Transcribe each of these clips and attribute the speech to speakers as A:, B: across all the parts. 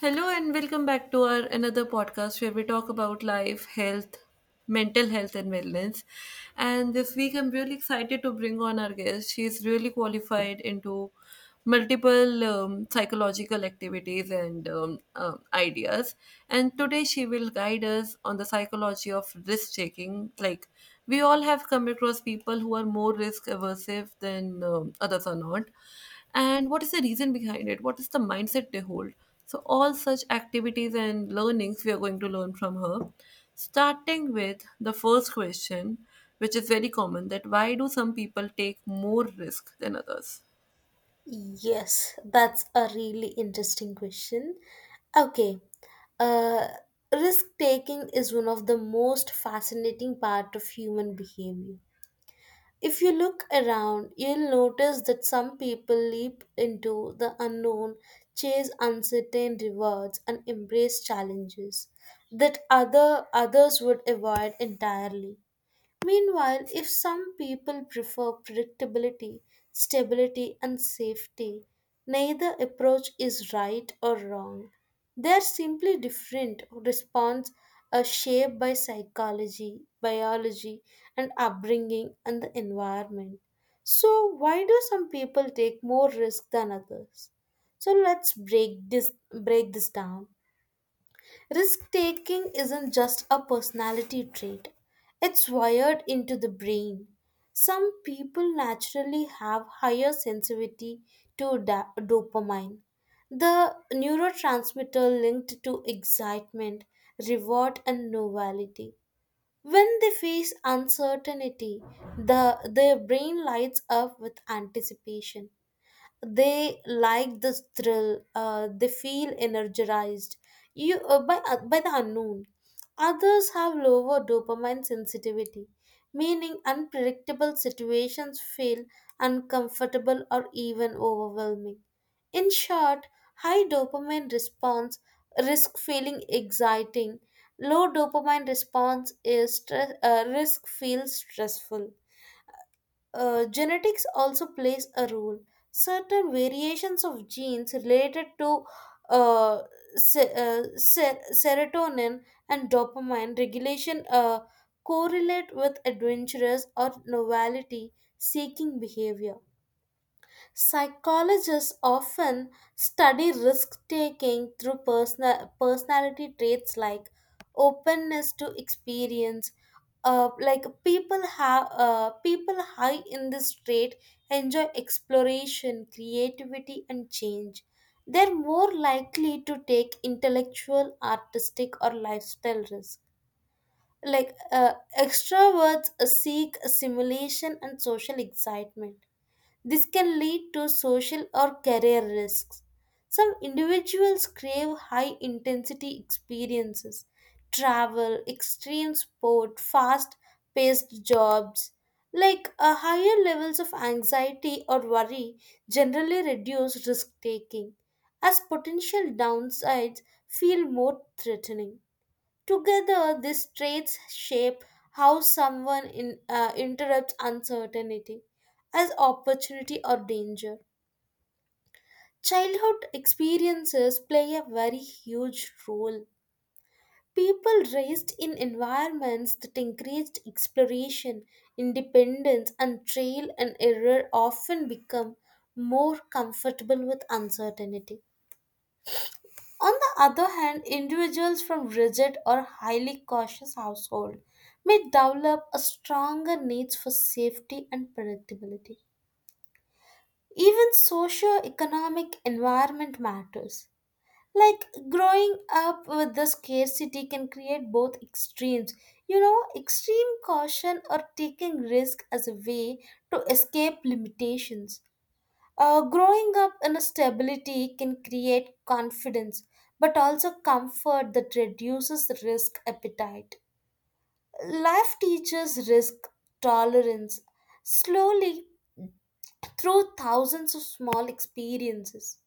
A: Hello and welcome back to our another podcast where we talk about life, health, mental health and wellness. And this week I'm really excited to bring on our guest. She's really qualified into multiple psychological activities and ideas. And today she will guide us on the psychology of risk taking. Like we all have come across people who are more risk aversive than others are not, and what is the reason behind it, what is the mindset they hold? So all such activities and learnings we are going to learn from her, starting with the first question, which is very common: that why do some people take more risk than others?
B: Yes, that's a really interesting question. Okay, uh, risk taking is one of the most fascinating part of human behavior. If you look around, you'll notice that some people leap into the unknown, chase uncertain rewards, and embrace challenges that other others would avoid entirely. Meanwhile, if some people prefer predictability, stability, and safety, neither approach is right or wrong. They are simply different response are shaped by psychology, biology, and upbringing and the environment. So, why do some people take more risk than others? So, let's break this down. Risk taking isn't just a personality trait, it's wired into the brain. Some people naturally have higher sensitivity to dopamine, the neurotransmitter linked to excitement, reward, and novelty. When they face uncertainty, their brain lights up with anticipation, they like the thrill, they feel energized you by the unknown. Others have lower dopamine sensitivity, meaning unpredictable situations feel uncomfortable or even overwhelming. In short, high dopamine response, risk feeling exciting; low dopamine response is stress, risk feels stressful. Genetics also plays a role. Certain variations of genes related to uh, serotonin and dopamine regulation correlate with adventurous or novelty seeking behavior. Psychologists often study risk taking through personality traits like openness to experience. People high in this trait enjoy exploration, creativity, and change. They're more likely to take intellectual, artistic, or lifestyle risk. Like uh, Extroverts seek stimulation and social excitement, this can lead to social or career risks. Some individuals crave high intensity experiences, travel, extreme sport, fast paced jobs. Higher levels of anxiety or worry generally reduce risk taking, as potential downsides feel more threatening. Together, these traits shape how someone interrupts uncertainty as opportunity or danger. Childhood experiences play a very huge role. People raised in environments that encouraged exploration, independence, and trial and error often become more comfortable with uncertainty. On the other hand, individuals from rigid or highly cautious households may develop a stronger need for safety and predictability. Even socio-economic environment matters. Like growing up with the scarcity can create both extremes. You know, extreme caution or taking risk as a way to escape limitations. Growing up in stability can create confidence, but also comfort that reduces risk appetite. Life teaches risk tolerance slowly through thousands of small experiences.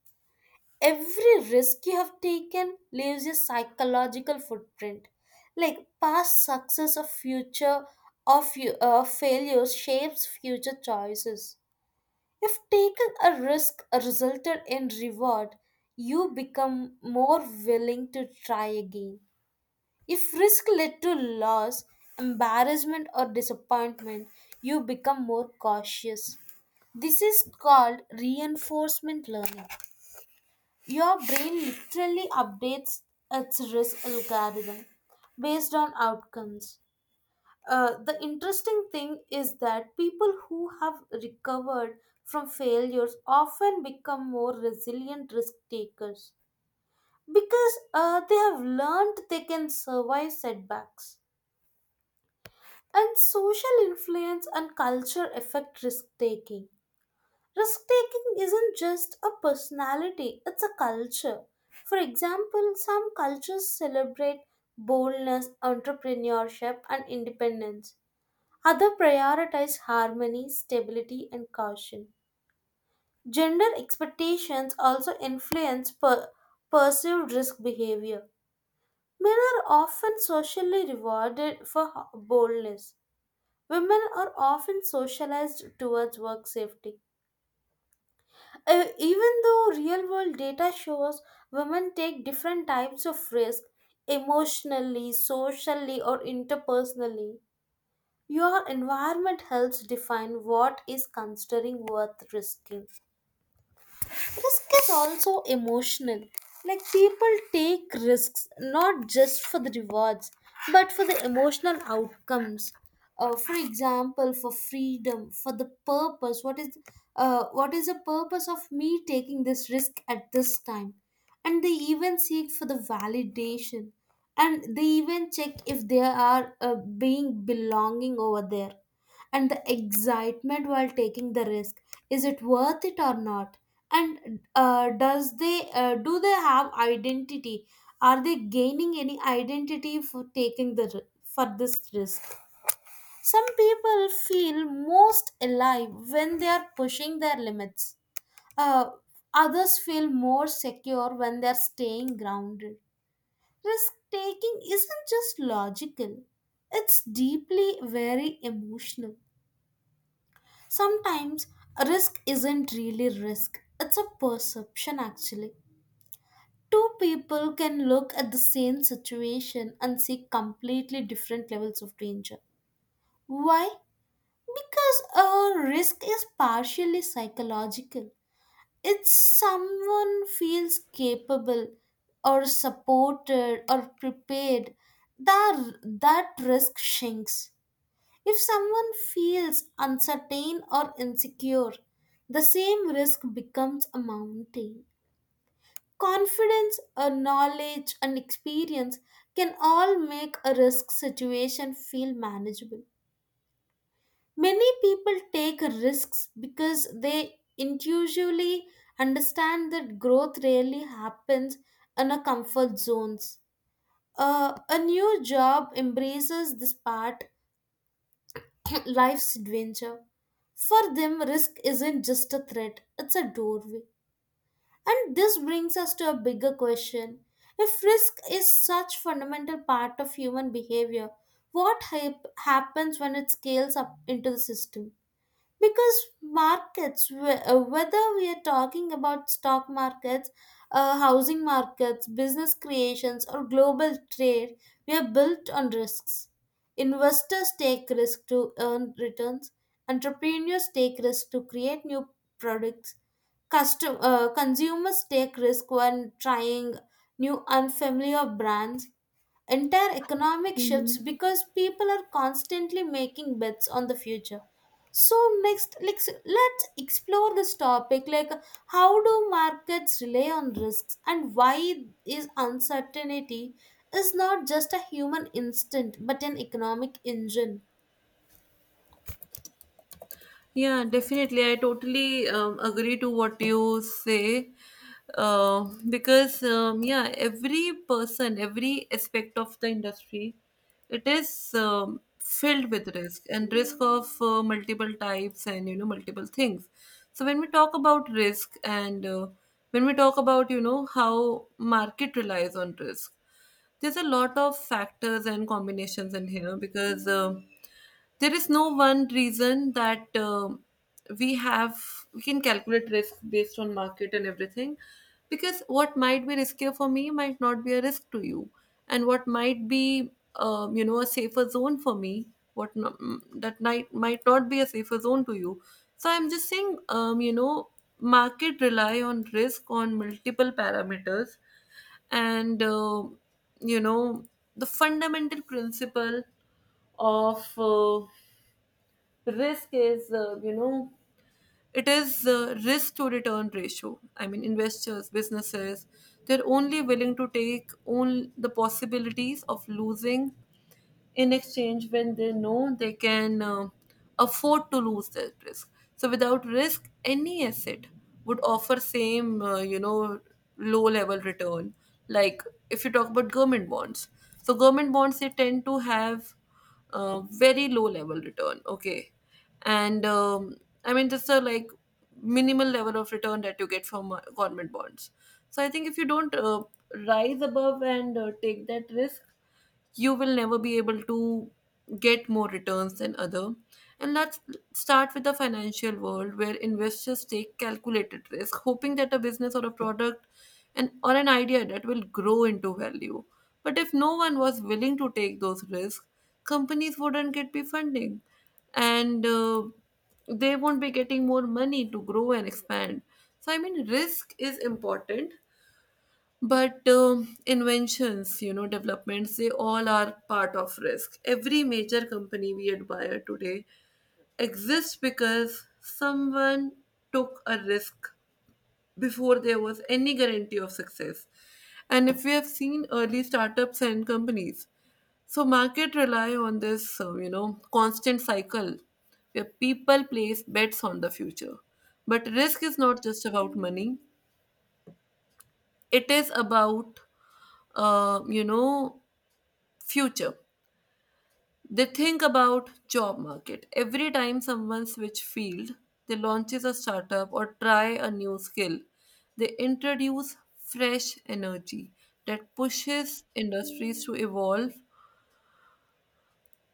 B: Every risk you have taken leaves a psychological footprint. Like past success or failures shapes future choices. If taking a risk resulted in reward, you become more willing to try again. If risk led to loss, embarrassment, or disappointment, you become more cautious. This is called reinforcement learning. Your brain literally updates its risk algorithm based on outcomes. The interesting thing is that people who have recovered from failures often become more resilient risk takers because they have learned they can survive setbacks. And social influence and culture affect risk taking. Risk taking isn't just a personality, it's a culture. For example, some cultures celebrate boldness, entrepreneurship, and independence. Others prioritize harmony, stability, and caution. Gender expectations also influence perceived risk behavior. Men are often socially rewarded for boldness. Women are often socialized towards work safety. Even though real world data shows women take different types of risk emotionally, socially, or interpersonally, your environment helps define what is considering worth risking. Risk is also emotional. Like people take risks not just for the rewards, but for the emotional outcomes. For example, for freedom, for the purpose. What is the purpose of me taking this risk at this time? And they even seek for the validation, and they even check if they are being belonging over there, and the excitement while taking the risk, is it worth it or not? And does they do they have identity, are they gaining any identity for taking the for this risk? Some people feel most alive when they are pushing their limits, uh, others feel more secure when they're staying grounded. Risk taking isn't just logical, it's deeply very emotional. Sometimes risk isn't really risk, it's a perception actually. Two people can look at the same situation and see completely different levels of danger. Why? Because a risk is partially psychological. It's someone feels capable or supported or prepared, that risk shrinks. If someone feels uncertain or insecure, the same risk becomes a mountain. Confidence, a knowledge, and experience can all make a risk situation feel manageable. Many people take risks because they intuitively understand that growth rarely happens in a comfort zones. A new job embraces this part life's adventure. For them, risk isn't just a threat, it's a doorway. And this brings us to a bigger question. If risk is such fundamental part of human behavior, what happens when it scales up into the system? Because markets, whether we are talking about stock markets, housing markets, business creations or global trade, we are built on risks. Investors take risk to earn returns, entrepreneurs take risk to create new products. Consumers take risk when trying new unfamiliar brands. Entire economic shifts because people are constantly making bets on the future. So next, let's explore this topic like how do markets rely on risks and why is uncertainty is not just a human instinct but an economic engine.
A: Yeah, definitely. I totally agree to what you say. Because yeah, every person, every aspect of the industry, it is filled with risk, and risk of multiple types and, you know, multiple things. So when we talk about risk, and when we talk about, you know, how market relies on risk, there's a lot of factors and combinations in here because there is no one reason that we have, we can calculate risk based on market and everything. Because what might be riskier for me might not be a risk to you, and what might be you know, a safer zone for me, what no, mm, that might not be a safer zone to you. So I'm just saying, you know, market rely on risk on multiple parameters. And you know, the fundamental principle of risk is, you know, it is risk to return ratio. I mean, investors, businesses, they're only willing to take on the possibilities of losing in exchange when they know they can afford to lose that risk. So without risk, any asset would offer same, you know, low level return. Like, if you talk about government bonds, so government bonds, they tend to have very low level return, okay? And I mean, just a like minimal level of return that you get from government bonds. So I think if you don't rise above and take that risk, you will never be able to get more returns than other. And let's start with the financial world, where investors take calculated risk, hoping that a business or a product and or an idea that will grow into value. But if no one was willing to take those risks, companies wouldn't get the funding, and they won't be getting more money to grow and expand. So I mean risk is important, but inventions, you know, developments, they all are part of risk. Every major company we admire today exists because someone took a risk before there was any guarantee of success. And if we have seen early startups and companies, so market rely on this you know, constant cycle where people place bets on the future. But risk is not just about money; it is about, you know, future. They think about job market. Every time someone switch field, they launches a startup or try a new skill, they introduce fresh energy that pushes industries to evolve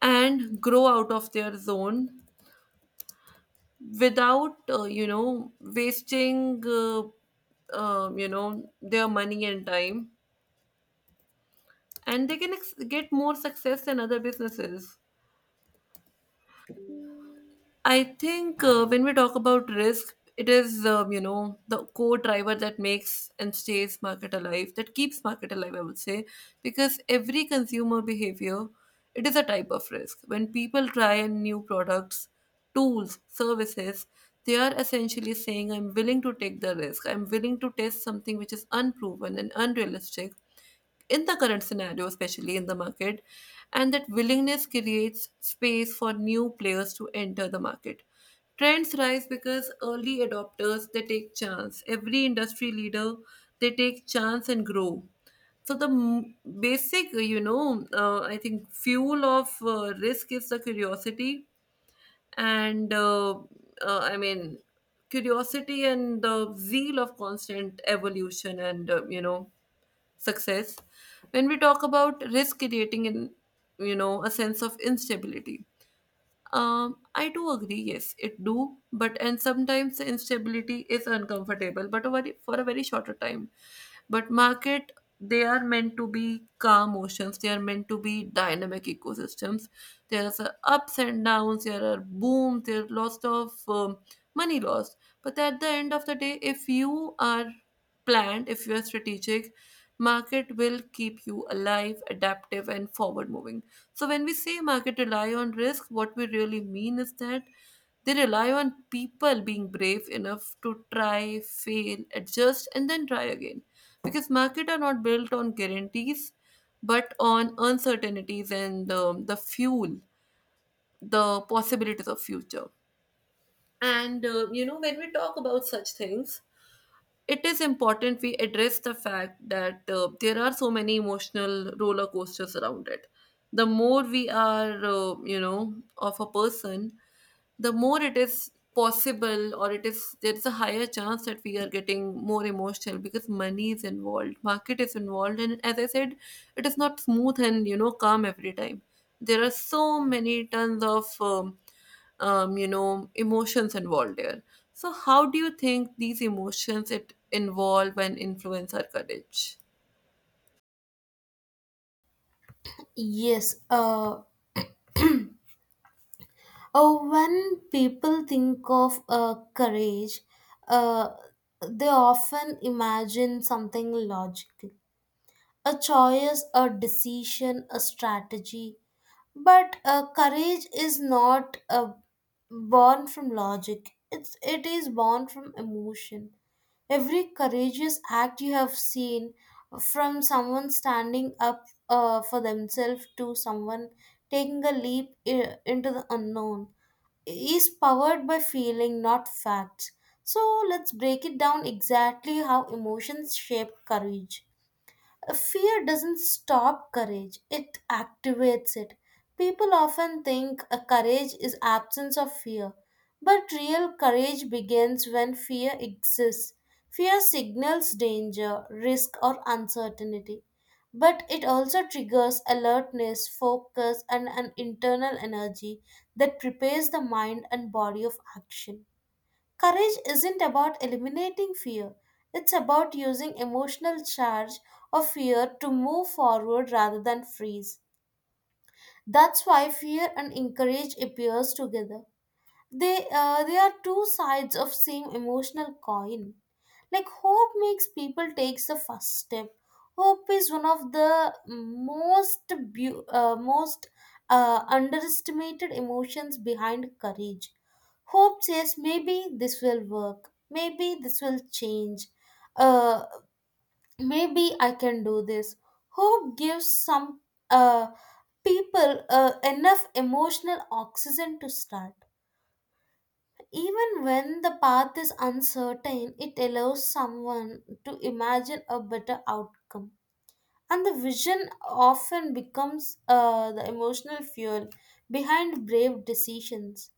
A: and grow out of their zone without you know, wasting you know, their money and time, and they can get more success than other businesses. I think when we talk about risk, it is you know, the core driver that makes and stays market alive, that keeps market alive, I would say. Because every consumer behavior, it is a type of risk. When people try and new products, tools, services, they are essentially saying, "I'm willing to take the risk. I'm willing to test something which is unproven and unrealistic." In the current scenario, especially in the market, and that willingness creates space for new players to enter the market. Trends rise because early adopters they take chance. Every industry leader they take chance and grow. So the basic, you know, I think fuel of risk is the curiosity. And I mean, curiosity and the zeal of constant evolution and you know, success. When we talk about risk creating in, you know, a sense of instability, I do agree, yes it do, but and sometimes the instability is uncomfortable but a very, for a very shorter time. But market, they are meant to be calm oceans, they are meant to be dynamic ecosystems. There's a ups and downs, there are booms, there are lots of money lost. But at the end of the day, if you are planned, if you are strategic, market will keep you alive, adaptive, and forward moving. So when we say market rely on risk, what we really mean is that they rely on people being brave enough to try, fail, adjust, and then try again. Because market are not built on guarantees, but on uncertainties and the fuel, the possibilities of future. And you know, when we talk about such things, it is important we address the fact that there are so many emotional roller coasters around it. The more we are you know, of a person, the more it is possible, or it is, there's a higher chance that we are getting more emotional because money is involved, market is involved. And as I said, it is not smooth and, you know, calm every time. There are so many tons of you know, emotions involved there. So how do you think these emotions it involve and influence our courage?
B: Yes. Oh, when people think of courage, uh, they often imagine something logical: a choice, a decision, a strategy. But courage is not born from logic. It is born from emotion. Every courageous act you have seen, from someone standing up for themselves to someone taking a leap into the unknown, is powered by feeling, not facts. So let's break it down exactly how emotions shape courage. Fear doesn't stop courage, it activates it. People often think a courage is absence of fear, but real courage begins when fear exists. Fear signals danger, risk or uncertainty, but it also triggers alertness, focus and an internal energy that prepares the mind and body of action. Courage isn't about eliminating fear, it's about using emotional charge of fear to move forward rather than freeze. That's why fear and encourage appears together. They are two sides of same emotional coin. Like hope makes people takes the first step. Hope is one of the most most underestimated emotions behind courage. Hope says maybe this will work, maybe this will change, uh, maybe I can do this. Hope gives some uh, people enough emotional oxygen to start. Even when the path is uncertain, it allows someone to imagine a better outcome. And the vision often becomes the emotional fuel behind brave decisions.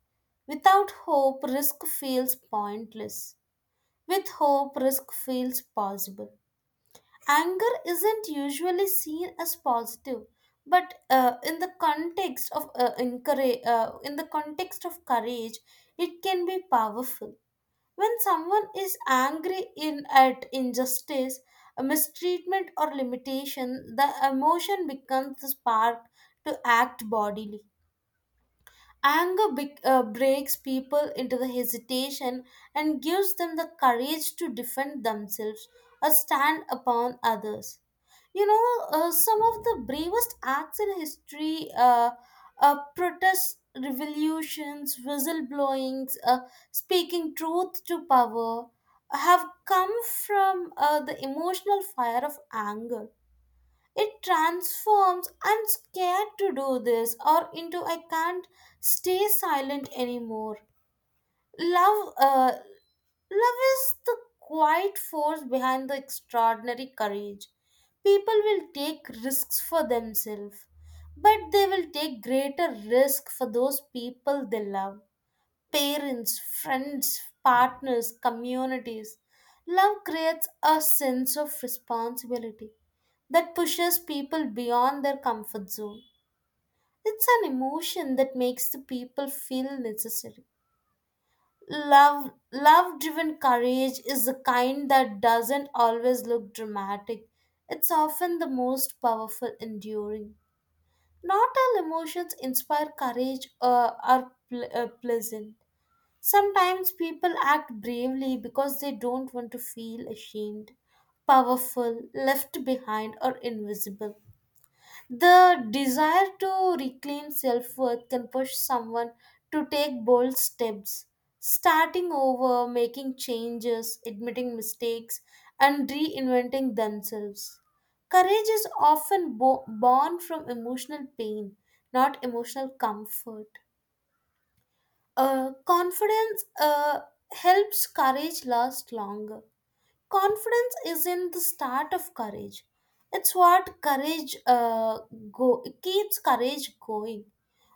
B: Without hope, risk feels pointless. With hope, risk feels possible. Anger isn't usually seen as positive, but in the context of courage, it can be powerful. When someone is angry in at injustice, a mistreatment or limitation, the emotion becomes the spark to act bodily. Breaks people into the hesitation and gives them the courage to defend themselves or stand upon others. You know, some of the bravest acts in history, protests, revolutions, whistleblowings, speaking truth to power, have come from the emotional fire of anger. It transforms "I'm scared to do this" or into "I can't stay silent anymore." love uh, Love is the quiet force behind the extraordinary courage. People will take risks for themselves, but they will take greater risk for those people they love. Parents, friends, partners, communities. Love creates a sense of responsibility that pushes people beyond their comfort zone. It's an emotion that makes the people feel necessary. Love driven courage is the kind that doesn't always look dramatic. It's often the most powerful enduring. Not all emotions inspire courage or are pleasant. Sometimes people act bravely because they don't want to feel ashamed, powerful, left behind, or invisible. The desire to reclaim self worth can push someone to take bold steps, starting over, making changes, admitting mistakes, and reinventing themselves. Courage is often born from emotional pain, not emotional comfort. Confidence helps courage last longer. Confidence isn't the start of courage, it's what courage go keeps courage going.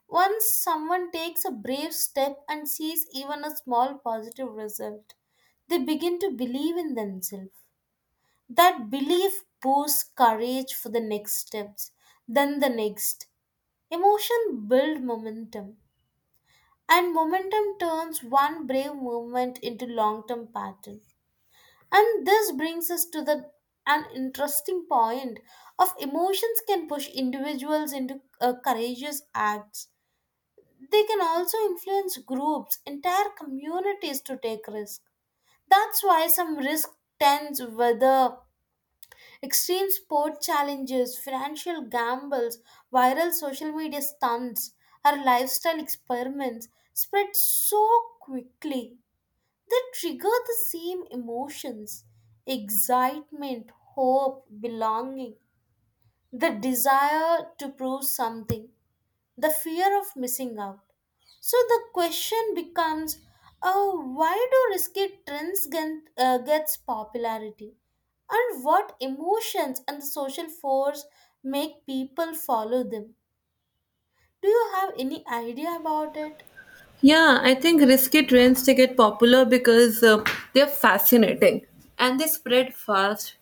B: Once someone takes a brave step and sees even a small positive result, they begin to believe in themselves. That belief boosts courage for the next steps, then the next. Emotion build momentum, and momentum turns one brave movement into long term pattern. And this brings us to the an interesting point of emotions can push individuals into courageous acts. They can also influence groups, entire communities to take risk. That's why some risk tends whether extreme sport challenges, financial gambles, viral social media stunts, or lifestyle experiments spread so quickly they trigger the same emotions excitement, hope, belonging, the desire to prove something, the fear of missing out. So the question becomes oh, why do risky trends get, gets popularity? And what emotions and the social force make people follow them? Do you have any idea about it?
A: Yeah, I think risky trends to get popular because they're fascinating and they spread fast.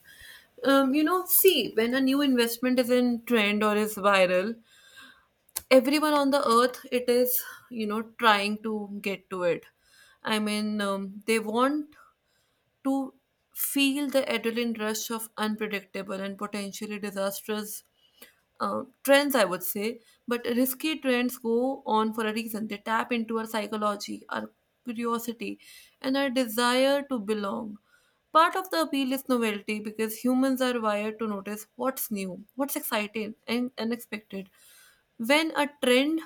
A: You know, see, when a new investment is in trend or is viral, everyone on the earth it is, you know, trying to get to it. I mean, they want to feel the adrenaline rush of unpredictable and potentially disastrous trends, I would say. But risky trends go on for a reason. They tap into our psychology, our curiosity, and our desire to belong. Part of the appeal is novelty, because humans are wired to notice what's new, what's exciting, and unexpected. When a trend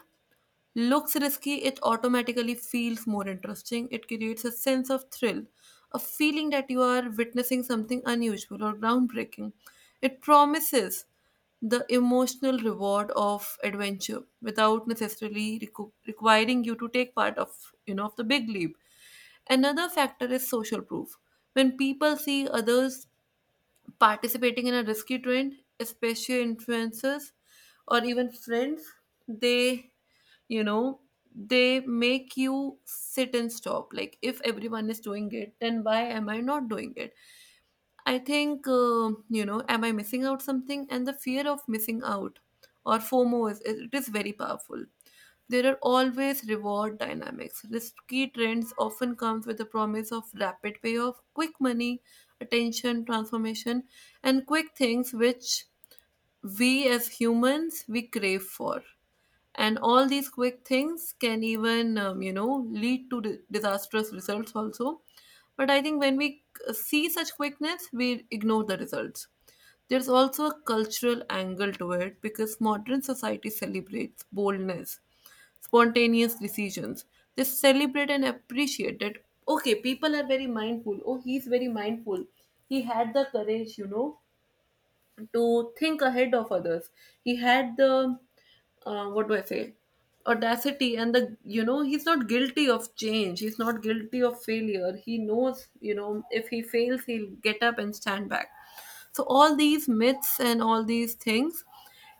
A: looks risky, it automatically feels more interesting. It creates a sense of thrill, a feeling that you are witnessing something unusual or groundbreaking. It promises the emotional reward of adventure without necessarily requiring you to take part of, you know, of the big leap. Another factor is social proof. When people see others participating in a risky trend, especially influencers or even friends, they, you know, they make you sit and stop. Like, if everyone is doing it, then why am I not doing it? I think, you know, am I missing out something? And the fear of missing out, or FOMO, is, it is very powerful. There are always reward dynamics. Risky trends often comes with the promise of rapid payoff, quick money, attention, transformation, and quick things which we as humans we crave for. And all these quick things can even, you know, lead to disastrous results also. But I think when we see such quickness, we ignore the results. There's also a cultural angle to it, because modern society celebrates boldness, spontaneous decisions. They celebrate and appreciate that, okay, people are very mindful. Oh, he's very mindful. He had the courage, you know, to think ahead of others. He had the, what do I say, audacity and the, you know, he's not guilty of change. He's not guilty of failure. He knows, you know, if he fails, he'll get up and stand back. So all these myths and all these things,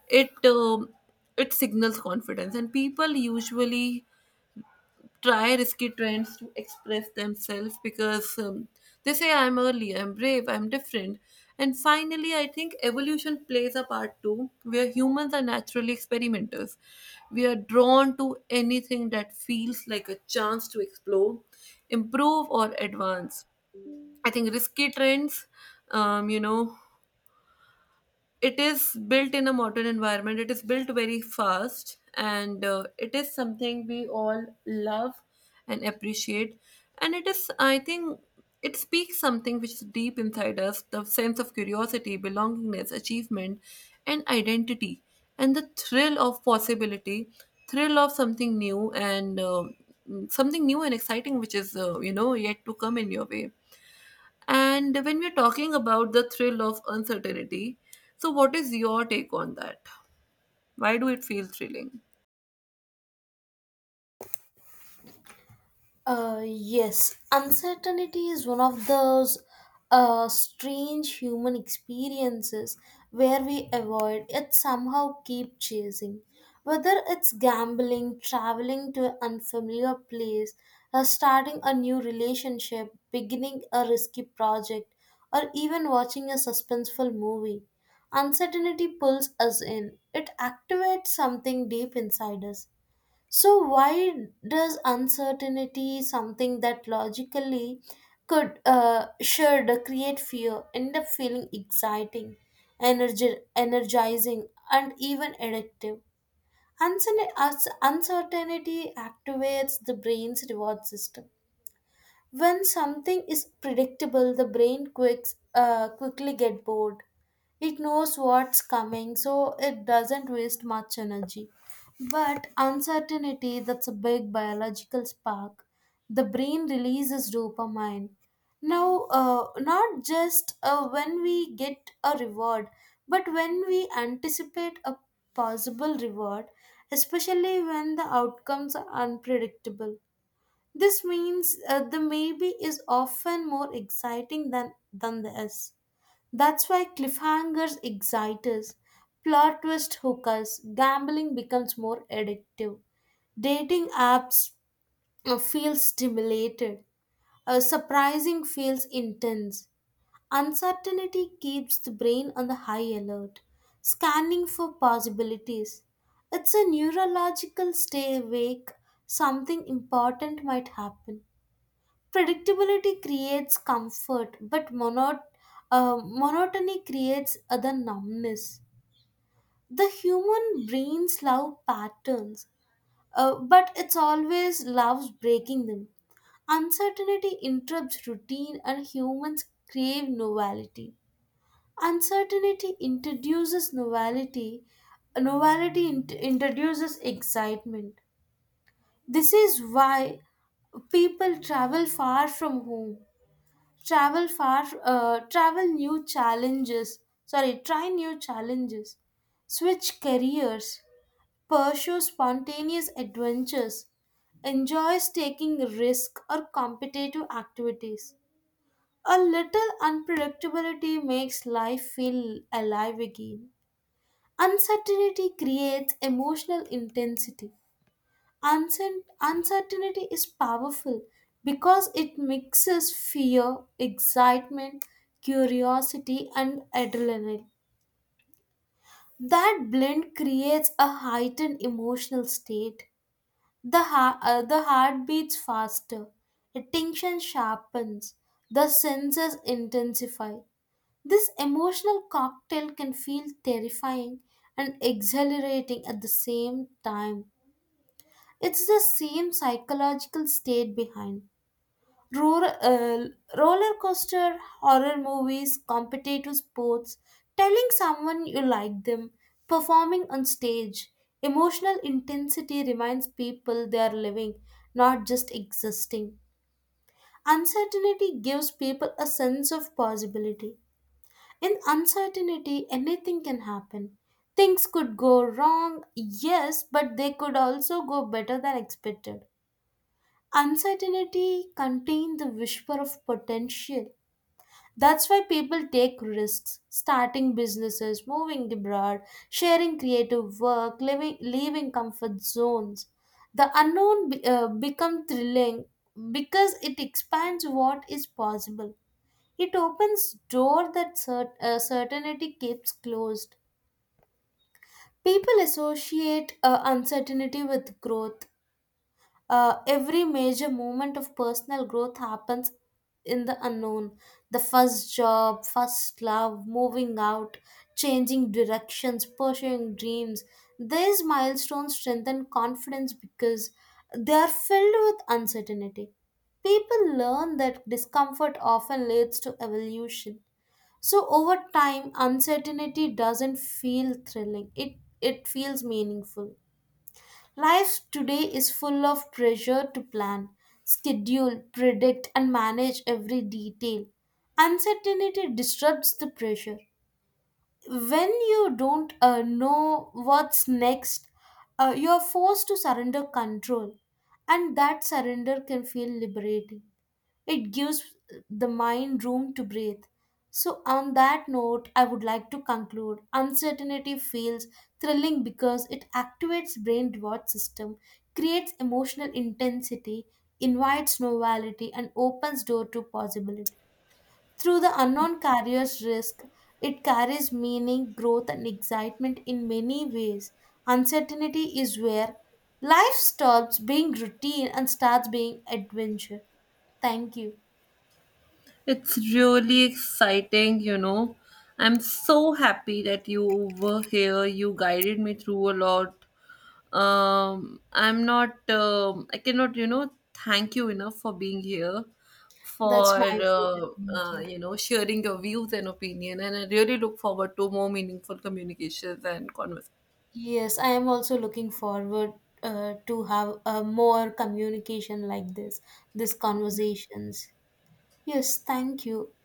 A: it it signals confidence. And people usually try risky trends to express themselves because they say I'm early, I'm brave, I'm different. And finally, I think evolution plays a part too, where humans are naturally experimenters. We are drawn to anything that feels like a chance to explore, improve, or advance. I think risky trends, you know, it is built in a modern environment, it is built very fast, and it is something we all love and appreciate. And it is, I think, it speaks something which is deep inside us: the sense of curiosity, belongingness, achievement, and identity, and the thrill of possibility, thrill of something new and, something new and exciting, which is you know, yet to come in your way. And when we're talking about the thrill of uncertainty, so what is your take on that? Why do it feel thrilling?
B: Yes, uncertainty is one of those strange human experiences where we avoid yet somehow keep chasing. Whether it's gambling, traveling to an unfamiliar place, starting a new relationship, beginning a risky project, or even watching a suspenseful movie, uncertainty pulls us in. It activates something deep inside us. So why does uncertainty something that logically could should create fear end up feeling exciting, energizing, and even addictive? Uncertainty activates the brain's reward system. When something is predictable, the brain quickly get bored. It knows what's coming, so it doesn't waste much energy. But uncertainty, that's a big biological spark. The brain releases dopamine. Now, not just when we get a reward, but when we anticipate a possible reward, especially when the outcomes are unpredictable. This means the maybe is often more exciting than the is. That's why cliffhangers excite us, plot twist hook us, gambling becomes more addictive. Dating apps feel stimulated, surprising feels intense. Uncertainty keeps the brain on the high alert, scanning for possibilities. It's a neurological stay awake, something important might happen. Predictability creates comfort but monotony creates other numbness. The human brains love patterns, but it's always loves breaking them. Uncertainty interrupts routine and humans crave novelty. Uncertainty introduces novelty. Novelty introduces excitement. This is why people travel far from home, travel far travel new challenges sorry try new challenges, switch careers, pursue spontaneous adventures, enjoys taking risk or competitive activities. A little unpredictability makes life feel alive again. Uncertainty creates emotional intensity. Uncertainty is powerful because it mixes fear, excitement, curiosity, and adrenaline. That blend creates a heightened emotional state. The heart beats faster, attention sharpens, the senses intensify. This emotional cocktail can feel terrifying and exhilarating at the same time. It's the same psychological state behind. Roller, uh, Roller coaster, horror movies, competitive sports, telling someone you like them, performing on stage. Emotional intensity reminds people they are living, not just existing. Uncertainty gives people a sense of possibility. In uncertainty, anything can happen. Things could go wrong, yes, but they could also go better than expected. Uncertainty contains the whisper of potential. That's why people take risks, starting businesses, moving abroad, sharing creative work, living, leaving comfort zones. The unknown becomes thrilling because it expands what is possible. It opens door that certainty keeps closed. People associate uncertainty with growth. Every major moment of personal growth happens in the unknown. The first job, first love, moving out, changing directions, pursuing dreams. These milestones strengthen confidence because they are filled with uncertainty. People learn that discomfort often leads to evolution. So over time, uncertainty doesn't feel thrilling. It feels meaningful. Life today is full of pressure to plan, schedule, predict, and manage every detail. Uncertainty disrupts the pressure. When you don't know what's next, you're forced to surrender control, and that surrender can feel liberating. It gives the mind room to breathe. So, on that note, I would like to conclude uncertainty feels thrilling because it activates brain reward system, creates emotional intensity, invites novelty, and opens door to possibility. Through the unknown carrier's risk, it carries meaning, growth, and excitement in many ways. Uncertainty is where life stops being routine and starts being adventure. Thank you.
A: It's really exciting, you know. I'm so happy that you were here. You guided me through a lot. I cannot, you know, thank you enough for being here,
B: That's
A: for,
B: my pleasure. Thank you.
A: you know, sharing your views and opinion. And I really look forward to more meaningful communications and conversations.
B: Yes, I am also looking forward to have more communication like this, these conversations. Yes, thank you.